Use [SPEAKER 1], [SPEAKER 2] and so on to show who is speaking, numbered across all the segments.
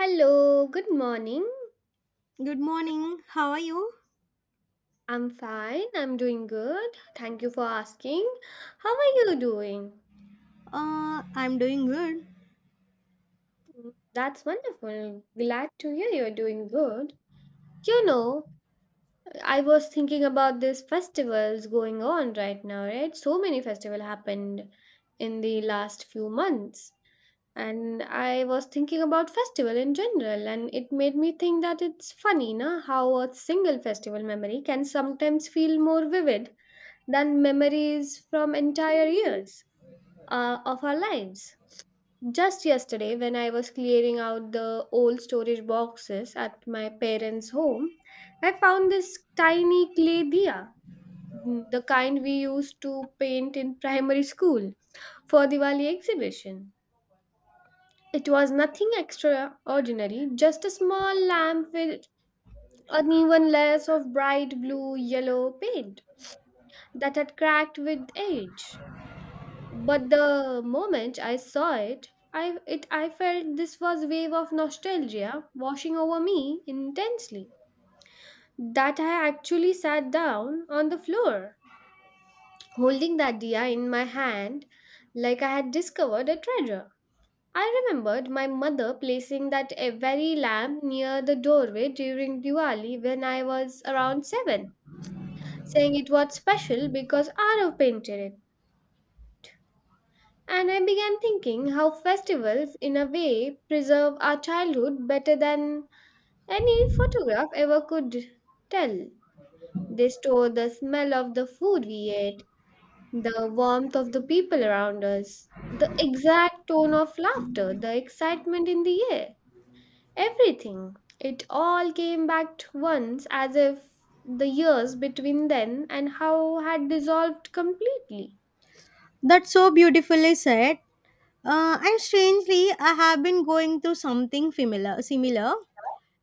[SPEAKER 1] Hello, good morning.
[SPEAKER 2] Good morning. How are you?
[SPEAKER 1] I'm fine. I'm doing good. Thank you for asking. How are you doing?
[SPEAKER 2] I'm doing good.
[SPEAKER 1] That's wonderful. Glad to hear you're doing good. You know, I was thinking about these festivals going on right now, right? So many festivals happened in the last few months. And I was thinking about festival in general, and it made me think that it's funny, na, how a single festival memory can sometimes feel more vivid than memories from entire years of our lives. Just yesterday, when I was clearing out the old storage boxes at my parents' home, I found this tiny clay diya, mm, the kind we used to paint in primary school for Diwali exhibition. It was nothing extraordinary, just a small lamp with uneven layers of bright blue yellow paint that had cracked with age. But the moment I saw it, I felt this was wave of nostalgia washing over me intensely. That I actually sat down on the floor, holding that dia in my hand like I had discovered a treasure. I remembered my mother placing that very lamp near the doorway during Diwali when I was around 7, saying it was special because Arav painted it. And I began thinking how festivals, in a way, preserve our childhood better than any photograph ever could tell. They store the smell of the food we ate, the warmth of the people around us, the exact tone of laughter, the excitement in the air, everything. It all came back to once as if the years between then and how had dissolved completely.
[SPEAKER 2] That's so beautifully said. And strangely, I have been going through something similar,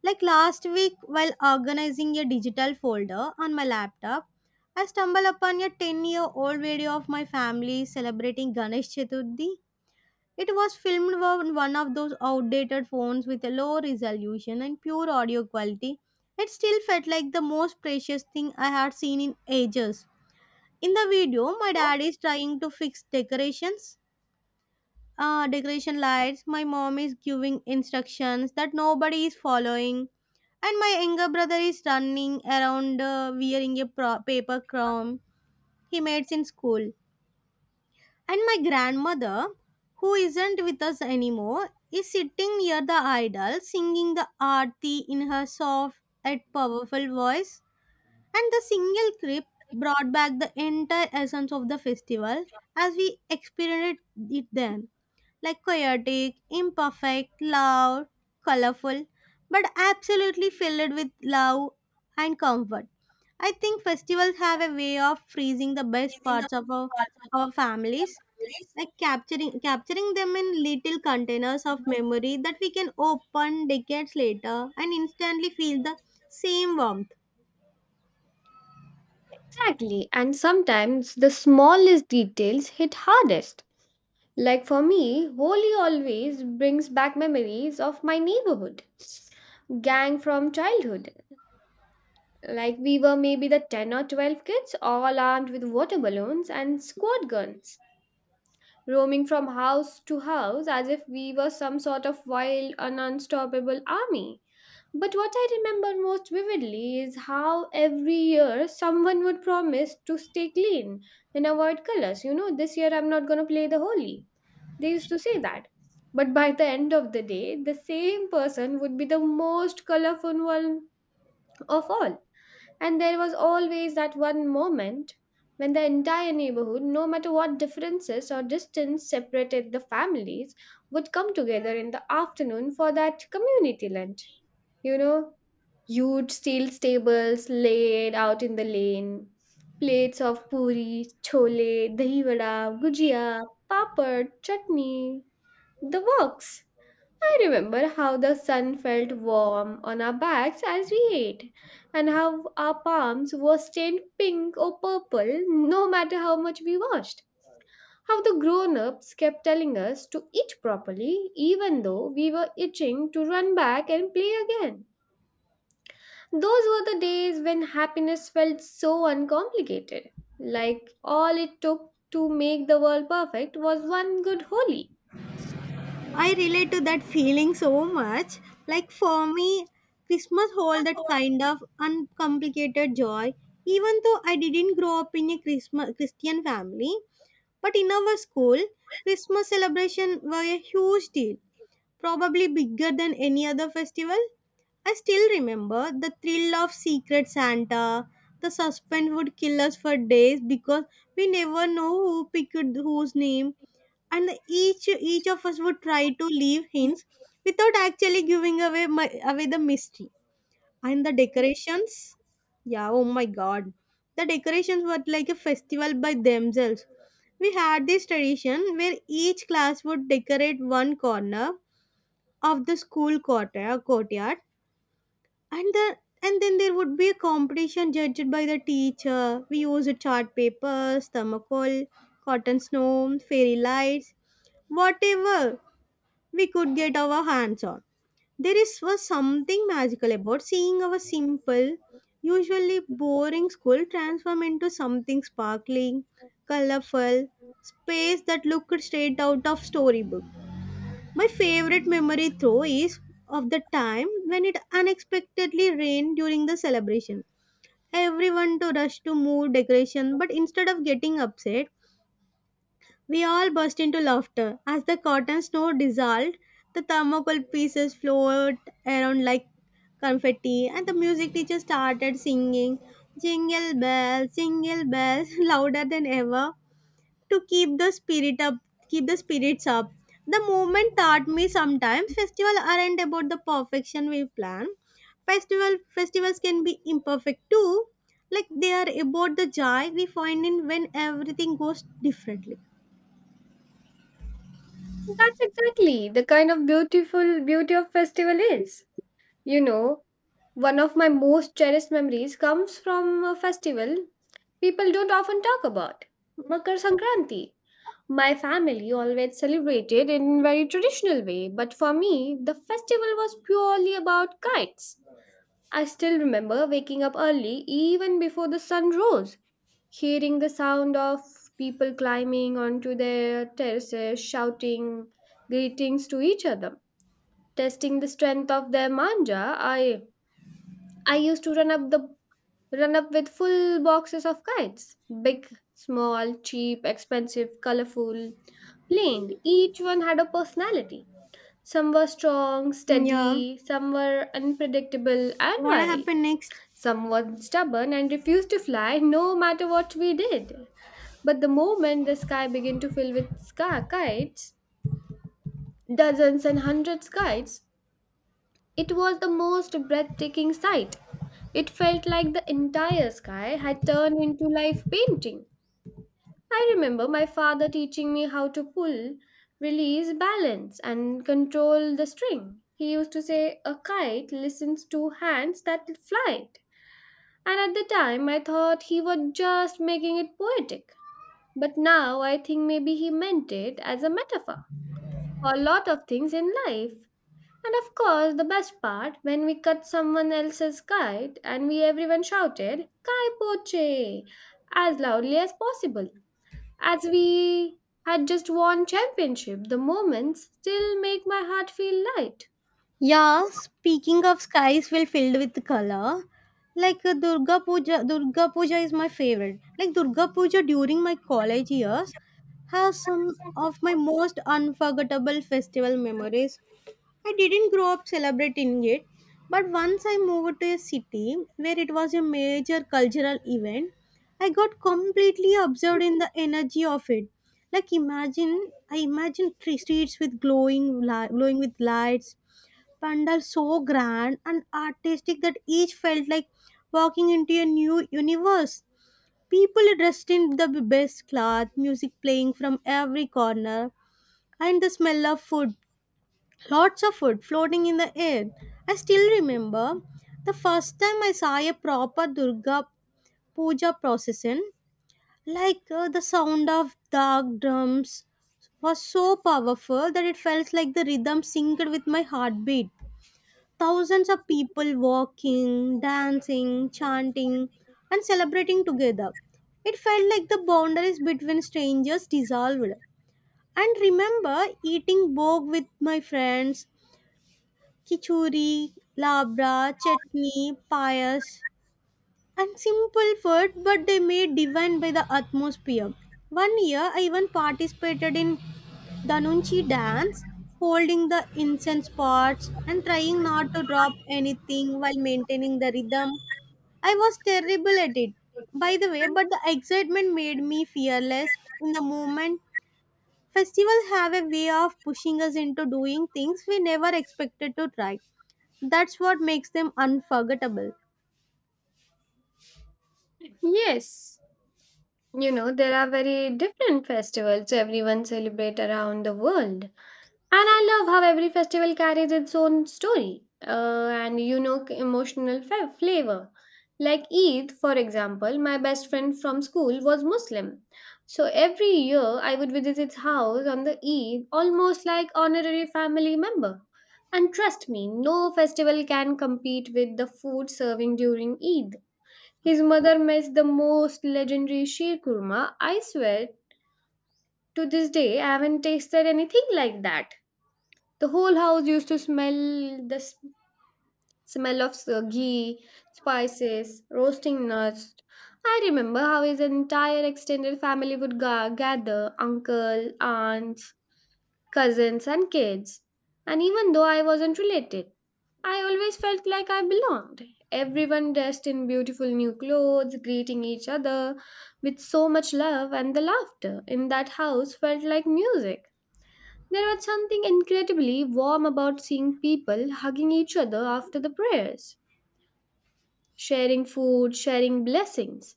[SPEAKER 2] like last week while organizing a digital folder on my laptop, I stumbled upon a 10-year-old video of my family celebrating Ganesh Chaturthi. It was filmed on one of those outdated phones with a low resolution and pure audio quality. It still felt like the most precious thing I had seen in ages. In the video, my dad is trying to fix decorations, decoration lights. My mom is giving instructions that nobody is following, and my younger brother is running around wearing a paper crown he made in school. And my grandmother, who isn't with us anymore, is sitting near the idol singing the aarti in her soft yet powerful voice. And the single creep brought back the entire essence of the festival as we experienced it then. Like chaotic, imperfect, loud, colorful, but absolutely filled with love and comfort. I think festivals have a way of freezing the best parts of our families, like capturing them in little containers of memory that we can open decades later and instantly feel the same warmth.
[SPEAKER 1] Exactly, and sometimes the smallest details hit hardest. Like for me, Holi always brings back memories of my neighborhood gang from childhood. Like we were maybe the 10 or 12 kids, all armed with water balloons and squirt guns, roaming from house to house as if we were some sort of wild and unstoppable army. But what I remember most vividly is how every year someone would promise to stay clean and avoid colors. You know, this year I'm not going to play the holy. They used to say that. But by the end of the day, the same person would be the most colorful one of all. And there was always that one moment when the entire neighborhood, no matter what differences or distance separated the families, would come together in the afternoon for that community lunch you know Huge steel stables laid out in the lane. Plates of puri, chole, dahi vada, gujia, papad, chutney. The works. I remember how the sun felt warm on our backs as we ate, and how our palms were stained pink or purple no matter how much we washed. How the grown ups kept telling us to eat properly, even though we were itching to run back and play again. Those were the days when happiness felt so uncomplicated. Like all it took to make the world perfect was one good holy.
[SPEAKER 2] I relate to that feeling so much. Like for me, Christmas hold that kind of uncomplicated joy. Even though I didn't grow up in a Christmas Christian family, but in our school, Christmas celebration were a huge deal, probably bigger than any other festival. I still remember the thrill of Secret Santa. The suspense would kill us for days because we never know who picked whose name and each each of us would try to leave hints without actually giving away the mystery and the decorations, yeah, oh my god, the decorations were like a festival by themselves. We had this tradition where each class would decorate one corner of the school courtyard, and the and then there would be a competition judged by the teacher. We used chart papers, thermocol, cotton snow, fairy lights, whatever we could get our hands on. There is was something magical about seeing our simple, usually boring school transform into something sparkling, colorful, space that looked straight out of storybook. My favorite memory though is of the time when it unexpectedly rained during the celebration. Everyone to rush to move decoration, but instead of getting upset, we all burst into laughter. As the cotton snow dissolved, the thermocol pieces floated around like confetti, and the music teacher started singing jingle bells, louder than ever to keep the keep the spirits up. The movement taught me sometimes festivals aren't about the perfection we plan. Festivals can be imperfect too. Like they are about the joy we find in when everything goes differently.
[SPEAKER 1] That's exactly the kind of beautiful beauty of festival is. You know, one of my most cherished memories comes from a festival people don't often talk about. Makar Sankranti. My family always celebrated in very traditional way, but for me, the festival was purely about kites. I still remember waking up early, even before the sun rose, hearing the sound of people climbing onto their terraces, shouting greetings to each other, testing the strength of their manja. I used to run up with full boxes of kites, big, small, cheap, expensive, colorful, plain. Each one had a personality. Some were strong,
[SPEAKER 2] Yeah.
[SPEAKER 1] steady, some were unpredictable and
[SPEAKER 2] What
[SPEAKER 1] wild.
[SPEAKER 2] happened next?
[SPEAKER 1] Some were stubborn and refused to fly no matter what we did. But the moment the sky began to fill with sky kites, dozens and hundreds kites, it was the most breathtaking sight. It felt like the entire sky had turned into live painting. I remember my father teaching me how to pull, release, balance, and control the string. He used to say, a kite listens to hands that fly it. And at the time, I thought he was just making it poetic. But now I think maybe he meant it as a metaphor for a lot of things in life. And of course, the best part when we cut someone else's kite and we everyone shouted, Kai Poche, as loudly as possible. As we had just won championship, the moments still make my heart feel light.
[SPEAKER 2] Yeah, speaking of skies well filled with color, like Durga Puja is my favorite. Like Durga Puja during my college years has some of my most unforgettable festival memories. I didn't grow up celebrating it, but once I moved to a city where it was a major cultural event, I got completely absorbed in the energy of it. Like I imagine three streets with glowing with lights, pandals so grand and artistic that each felt like walking into a new universe. People dressed in the best cloth, music playing from every corner, and the smell of food lots of food floating in the air. I still remember the first time I saw a proper Durga Puja procession, like the sound of dark drums was so powerful that it felt like the rhythm synced with my heartbeat. Thousands of people walking, dancing, chanting, and celebrating together. It felt like the boundaries between strangers dissolved. And remember eating bog with my friends Kichuri, labra, chutney, payas, and simple food, but they made divine by the atmosphere. One year, I even participated in Danunchi dance, holding the incense pots and trying not to drop anything while maintaining the rhythm. I was terrible at it, by the way, but the excitement made me fearless in the moment. Festivals have a way of pushing us into doing things we never expected to try. That's what makes them unforgettable.
[SPEAKER 1] Yes, you know, there are very different festivals everyone celebrate around the world. And I love how every festival carries its own story and unique emotional flavor. Like Eid, for example, my best friend from school was Muslim. So every year I would visit his house on the Eid, almost like honorary family member. And trust me, no festival can compete with the food serving during Eid. His mother makes the most legendary sheer kurma. I swear, to this day, I haven't tasted anything like that. The whole house used to smell the s- smell of ghee, spices, roasting nuts. I remember how his entire extended family would gather uncle, aunts, cousins, and kids. And even though I wasn't related, I always felt like I belonged. Everyone dressed in beautiful new clothes, greeting each other with so much love, and the laughter in that house felt like music. There was something incredibly warm about seeing people hugging each other after the prayers, sharing food, sharing blessings.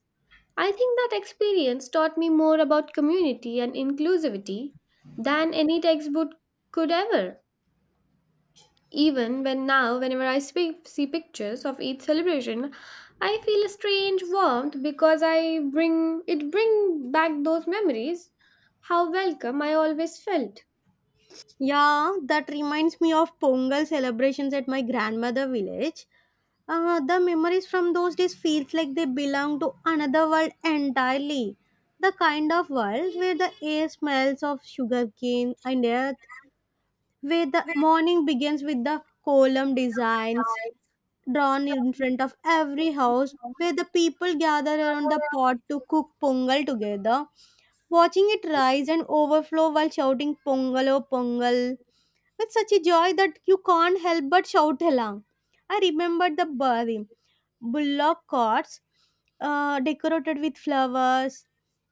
[SPEAKER 1] I think that experience taught me more about community and inclusivity than any textbook could ever. Even when now, whenever I speak, see pictures of each celebration, I feel a strange warmth because I bring it bring back those memories. How welcome I always felt.
[SPEAKER 2] Yeah, that reminds me of Pongal celebrations at my grandmother village. The memories from those days feels like they belong to another world entirely. The kind of world where the air smells of sugarcane and earth, where the morning begins with the column designs drawn in front of every house, where the people gather around the pot to cook pongal together, watching it rise and overflow while shouting pongal oh pongal with such a joy that you can't help but shout along. I remembered the bullock carts decorated with flowers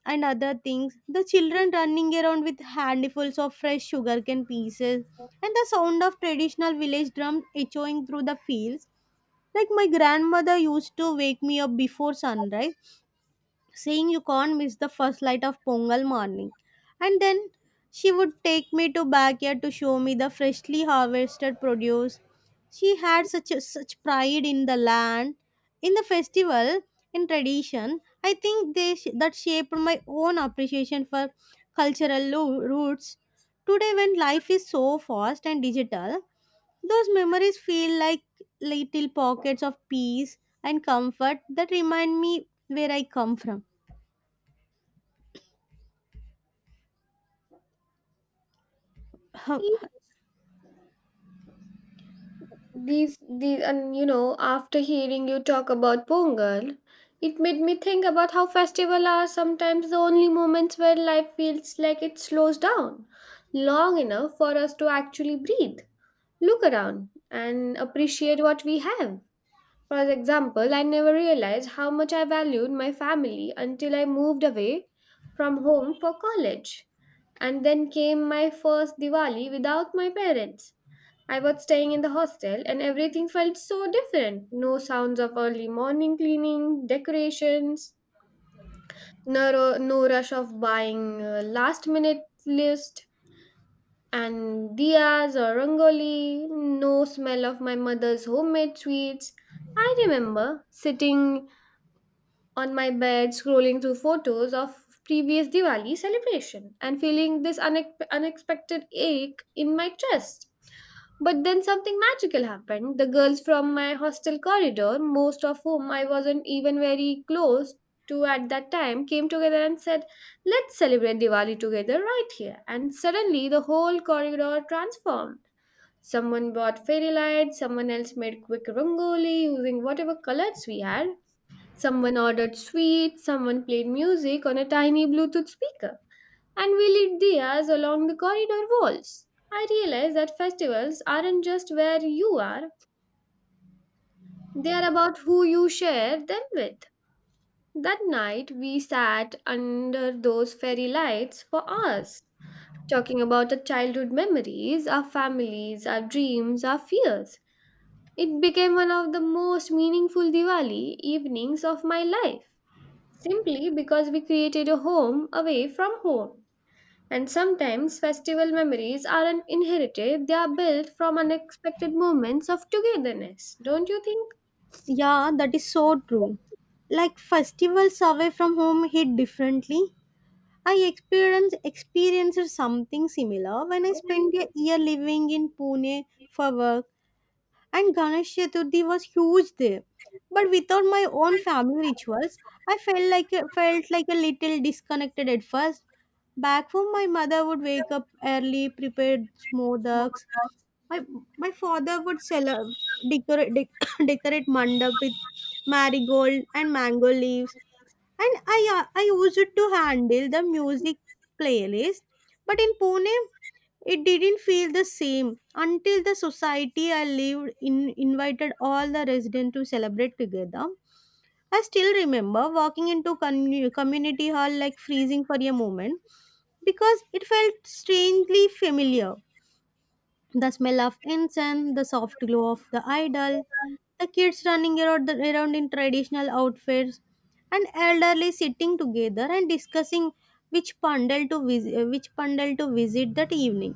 [SPEAKER 2] and other things, the children running around with handfuls of fresh sugarcane pieces, and the sound of traditional village drums echoing through the fields. Like my grandmother used to wake me up before sunrise, saying you can't miss the first light of Pongal morning. And then she would take me to backyard to show me the freshly harvested produce. She had such pride in the land, in the festival, in tradition. I think that shaped my own appreciation for cultural roots. Today, when life is so fast and digital, those memories feel like little pockets of peace and comfort that remind me where I come from. Huh,
[SPEAKER 1] Yes. These and you know after hearing you talk about Pongal, it made me think about how festival are sometimes the only moments where life feels like it slows down long enough for us to actually breathe, look around, and appreciate what we have. For example, I never realized how much I valued my family until I moved away from home for college. And then came my first Diwali without my parents. I was staying in the hostel and everything felt so different. No sounds of early morning cleaning, decorations, no rush of buying last minute list and diyas or rangoli, no smell of my mother's homemade sweets. I remember sitting on my bed scrolling through photos of previous Diwali celebration and feeling this unexpected ache in my chest. But then something magical happened. The girls from my hostel corridor, most of whom I wasn't even very close to at that time, came together and said, let's celebrate Diwali together right here. And suddenly the whole corridor transformed. Someone bought fairy lights, someone else made quick rangoli using whatever colors we had, someone ordered sweets, someone played music on a tiny Bluetooth speaker, and we lit diyas along the corridor walls. I realized that festivals aren't just where you are, they are about who you share them with. That night, we sat under those fairy lights for hours, talking about our childhood memories, our families, our dreams, our fears. It became one of the most meaningful Diwali evenings of my life, simply because we created a home away from home. And sometimes festival memories aren't inherited, they are built from unexpected moments of togetherness, don't you think?
[SPEAKER 2] yeah, that is so true. Like festivals away from home hit differently. I experienced something similar when I spent a year living in Pune for work, and Ganesh Chaturthi was huge there. But without my own family rituals, I felt like felt like a little disconnected at first. Back home, my mother would wake up early, prepare smodaks. My my father would decorate decorate mandap with marigold and mango leaves, and I used to handle the music playlist. But in Pune, it didn't feel the same until the society I lived in invited all the residents to celebrate together. I still remember walking into community hall, like freezing for a moment because it felt strangely familiar. The smell of incense, the soft glow of the idol, the kids running around in traditional outfits, and elderly sitting together and discussing which pandal to visit that evening.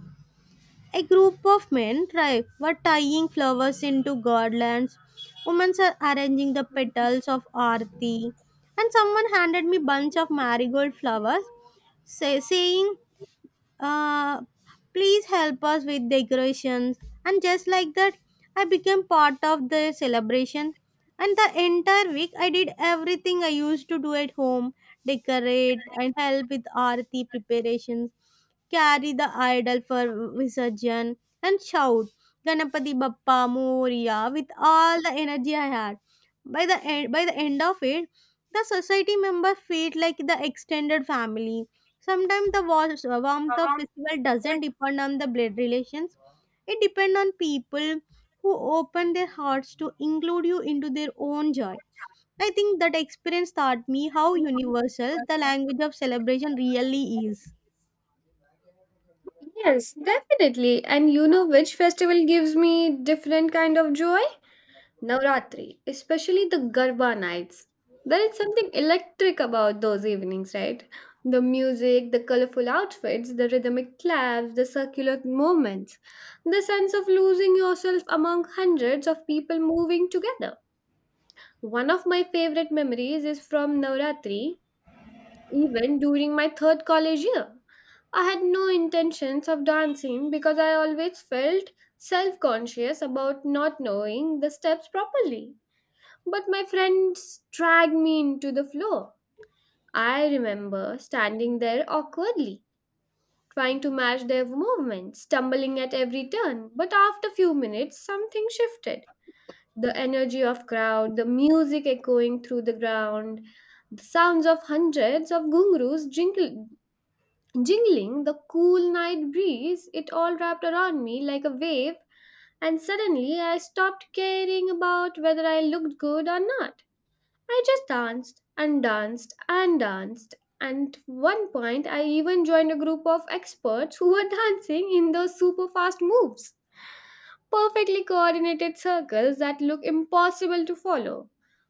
[SPEAKER 2] A group of men were tying flowers into garlands. Women are arranging the petals of arti, and someone handed me bunch of marigold flowers, saying, uh, please help us with decorations. And just like that, I became part of the celebration, and the entire week I did everything I used to do at home: decorate and help with arati preparations, carry the idol for Visarjan, and shout ganapati bappa moria with all the energy I had. By the end of it, the society members felt like the extended family. Sometimes the warmth of festival doesn't depend on the blood relations. It depends on people who open their hearts to include you into their own joy. I think that experience taught me how universal the language of celebration really is.
[SPEAKER 1] Yes, definitely. And you know which festival gives me different kind of joy? Navratri, especially the Garba nights. There is something electric about those evenings, right? The music, the colorful outfits, the rhythmic claps, the circular movements, the sense of losing yourself among hundreds of people moving together. One of my favorite memories is from Navratri, even during my third college year. I had no intentions of dancing because I always felt self conscious about not knowing the steps properly. But my friends dragged me into the floor. I remember standing there awkwardly, trying to match their movements, stumbling at every turn. But after few minutes, something shifted. The energy of crowd, the music echoing through the ground, the sounds of hundreds of gungaroos jingling, the cool night breeze, it all wrapped around me like a wave, and suddenly I stopped caring about whether I looked good or not. I just danced and danced and danced. And one point, I even joined a group of experts who were dancing in those super fast moves. Perfectly coordinated circles that look impossible to follow.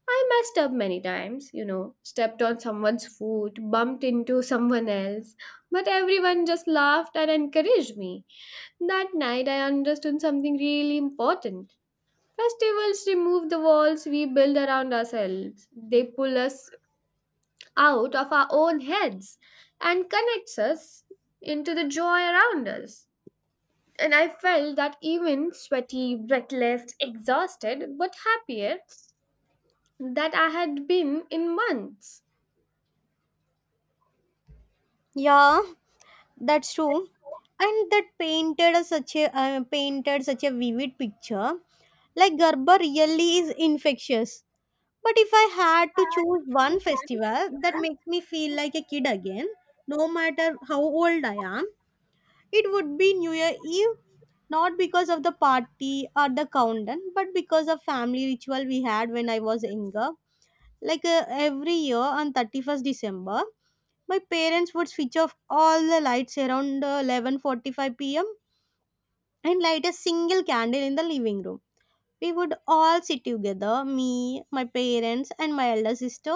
[SPEAKER 1] I messed up many times, you know, stepped on someone's foot, bumped into someone else, but everyone just laughed and encouraged me. That night, I understood something really important. Festivals remove the walls we build around ourselves. They pull us out of our own heads and connects us into the joy around us. And I felt that even sweaty, breathless, exhausted, but happier that I had been in months.
[SPEAKER 2] Yeah, that's true. And that painted a such a painted such a vivid picture. Like Garba really is infectious. But if I had to choose one festival that makes me feel like a kid again, no matter how old I am, it would be New Year Eve. Not because of the party or the countdown, but because of family ritual we had when I was younger. Like every year on 31st December, my parents would switch off all the lights around 11:45 p.m. and light a single candle in the living room. We would all sit together, me, my parents, and my elder sister,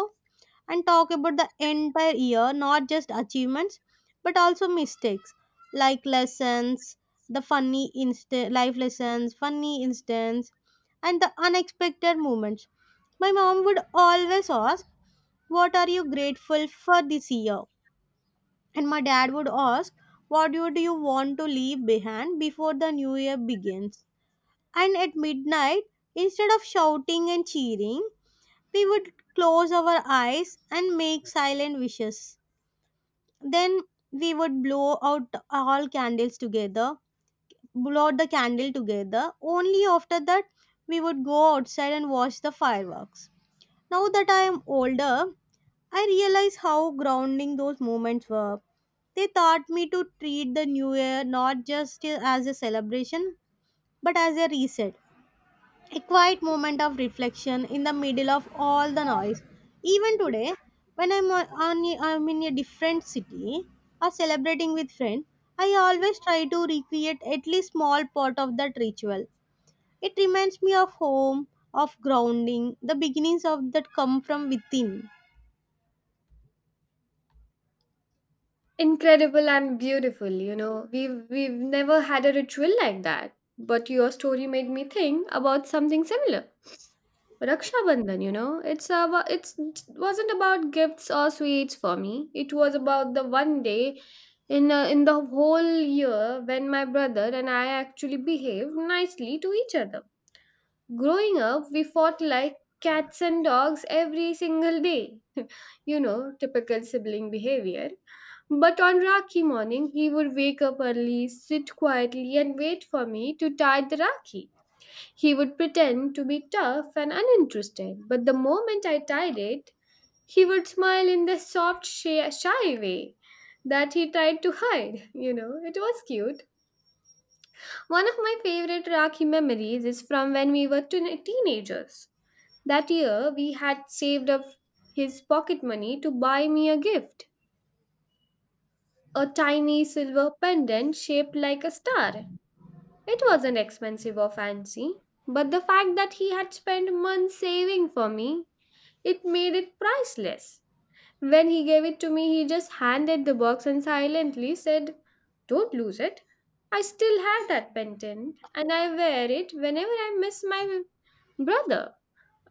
[SPEAKER 2] and talk about the entire year, not just achievements, but also mistakes like lessons, the life lessons, funny incidents, and the unexpected moments. My mom would always ask, What are you grateful for this year? And my dad would ask, What do you want to leave behind before the new year begins? And at midnight, instead of shouting and cheering, we would close our eyes and make silent wishes. Then we would blow out the candle together. Only after that, we would go outside and watch the fireworks. Now that I am older, I realize how grounding those moments were. They taught me to treat the new year not just as a celebration, but as a reset, a quiet moment of reflection in the middle of all the noise. Even today, when I'm in a different city or celebrating with friends, I always try to recreate at least small part of that ritual. It reminds me of home, of grounding, the beginnings of that come from within.
[SPEAKER 1] Incredible and beautiful, you know. We've never had a ritual like that. But your story made me think about something similar. Raksha Bandhan, you know, it wasn't about gifts or sweets for me. It was about the one day in the whole year when my brother and I actually behaved nicely to each other. Growing up, we fought like cats and dogs every single day. You know, typical sibling behavior. But on Rakhi morning, he would wake up early, sit quietly, and wait for me to tie the Rakhi. He would pretend to be tough and uninterested, but the moment I tied it, he would smile in the soft, shy way that he tried to hide. You know, it was cute. One of my favorite Rakhi memories is from when we were teenagers. That year, we had saved up his pocket money to buy me a gift, a tiny silver pendant shaped like a star. It wasn't expensive or fancy, but the fact that he had spent months saving for me, it made it priceless. When he gave it to me, he just handed the box and silently said, "Don't lose it." I still have that pendant and I wear it whenever I miss my brother.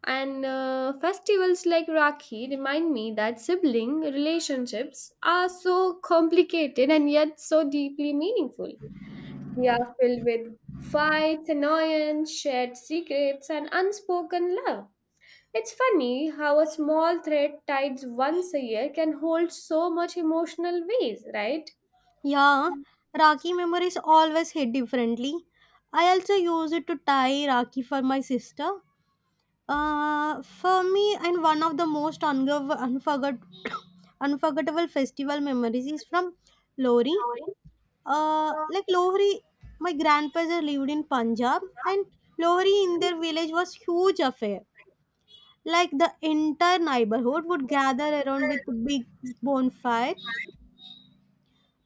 [SPEAKER 1] And festivals like Rakhi remind me that sibling relationships are so complicated and yet so deeply meaningful. They are filled with fights, annoyance, shared secrets, and unspoken love. It's funny how a small thread tied once a year can hold so much emotional weight, right?
[SPEAKER 2] Yeah, Rakhi memories always hit differently. I also use it to tie Rakhi for my sister. For me, and one of the most unforgettable festival memories is from Lohri. Like Lohri, my grandfather lived in Punjab, and Lohri in their village was huge affair. Like the entire neighborhood would gather around with big bonfire.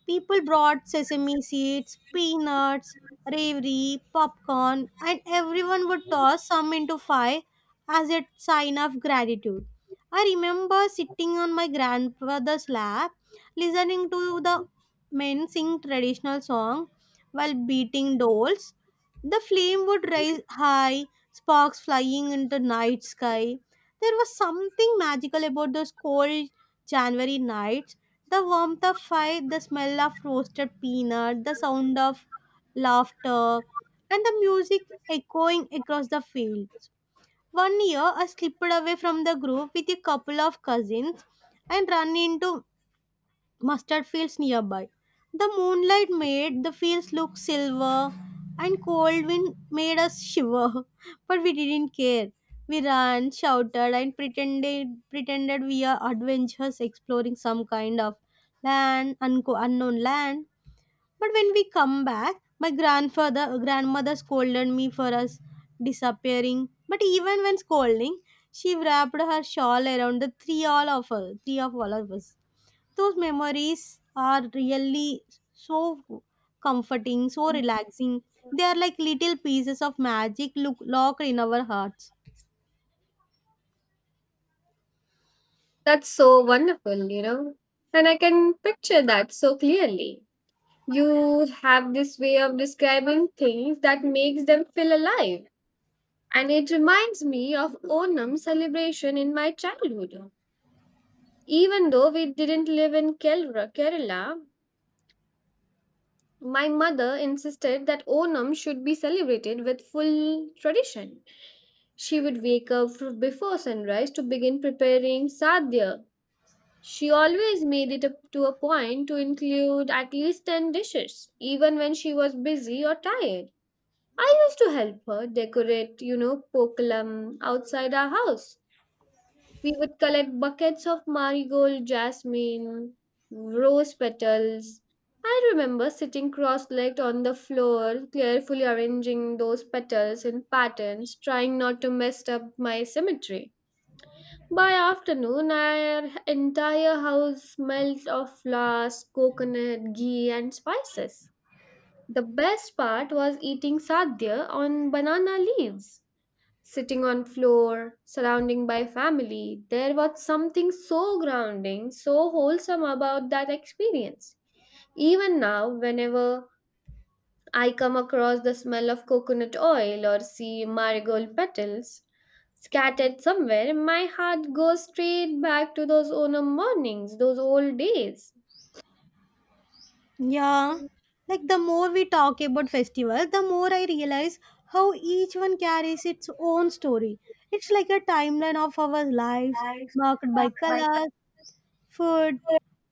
[SPEAKER 2] People brought sesame seeds, peanuts, ravioli, popcorn, and everyone would toss some into fire as a sign of gratitude. I remember sitting on my grandfather's lap, listening to the men sing traditional song while beating dolls. The flame would rise high, sparks flying into night sky. There was something magical about those cold January nights, the warmth of fire, the smell of roasted peanut, the sound of laughter, and the music echoing across the fields. One year, I slipped away from the group with a couple of cousins and ran into mustard fields nearby. The moonlight made the fields look silver, and cold wind made us shiver. But we didn't care. We ran, shouted, and pretended we are adventurers exploring some kind of unknown land. But when we come back, my grandfather grandmother scolded me for us disappearing. But even when scolding, she wrapped her shawl around the three all of us, three of all of us. Those memories are really so comforting, so relaxing. They are like little pieces of magic look locked in our hearts.
[SPEAKER 1] That's so wonderful, you know. And I can picture that so clearly. You have this way of describing things that makes them feel alive. And it reminds me of Onam celebration in my childhood. Even though we didn't live in Kerala, my mother insisted that Onam should be celebrated with full tradition. She would wake up before sunrise to begin preparing sadhya. She always made it up to a point to include at least 10 dishes, even when she was busy or tired. I used to help her decorate, you know, pokelam outside our house. We would collect buckets of marigold, jasmine, rose petals. I remember sitting cross legged on the floor, carefully arranging those petals in patterns, trying not to mess up my symmetry. By afternoon, our entire house smelled of flowers, coconut, ghee, and spices. The best part was eating sadhya on banana leaves, sitting on floor surrounding by family. There was something so grounding, so wholesome about that experience. Even now, whenever I come across the smell of coconut oil or see marigold petals scattered somewhere, my heart goes straight back to those autumn mornings, those old days.
[SPEAKER 2] Yeah. Like the more we talk about festivals, the more I realize how each one carries its own story. It's like a timeline of our lives, marked by colors, food,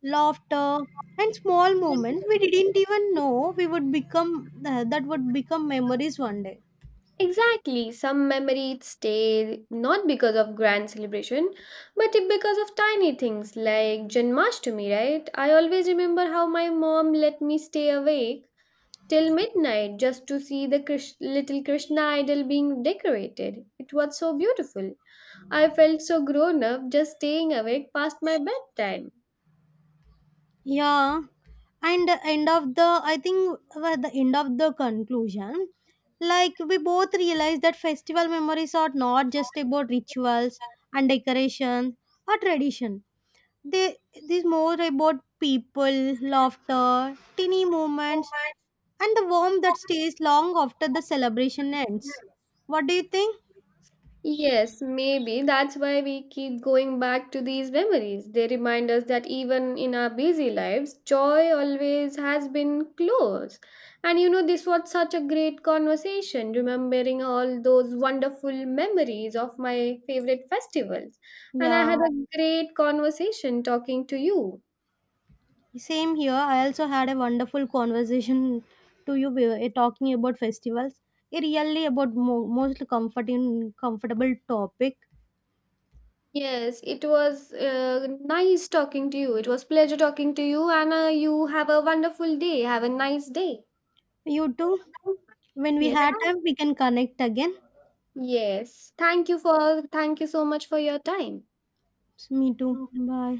[SPEAKER 2] laughter, and small moments we didn't even know we would become that would become memories one day.
[SPEAKER 1] Exactly. Some memories stay not because of grand celebration, but because of tiny things like Janmashtami, right? I always remember how my mom let me stay awake till midnight just to see the little Krishna idol being decorated. It was so beautiful. I felt so grown up just staying awake past my bedtime.
[SPEAKER 2] Yeah, and the end of the I think at the end of the conclusion, like we both realized that festival memories are not just about rituals and decoration or tradition. They this more about people, laughter, teeny moments, and the warmth that stays long after the celebration ends. What do you think?
[SPEAKER 1] Yes, maybe that's why we keep going back to these memories. They remind us that even in our busy lives, joy always has been close. And you know, this was such a great conversation, remembering all those wonderful memories of my favorite festivals. And I had
[SPEAKER 2] Yeah.
[SPEAKER 1] a great conversation talking to you.
[SPEAKER 2] Same here. I also had a wonderful conversation to you talking about festivals. It really about most comforting, comfortable topic.
[SPEAKER 1] Yes, it was nice talking to you. It was pleasure talking to you, and you have a wonderful day. Have a nice day.
[SPEAKER 2] You too. When we
[SPEAKER 1] Yes,
[SPEAKER 2] had
[SPEAKER 1] bye.
[SPEAKER 2] time, we can connect again.
[SPEAKER 1] Yes. Thank you so much for your time.
[SPEAKER 2] Me too. Bye.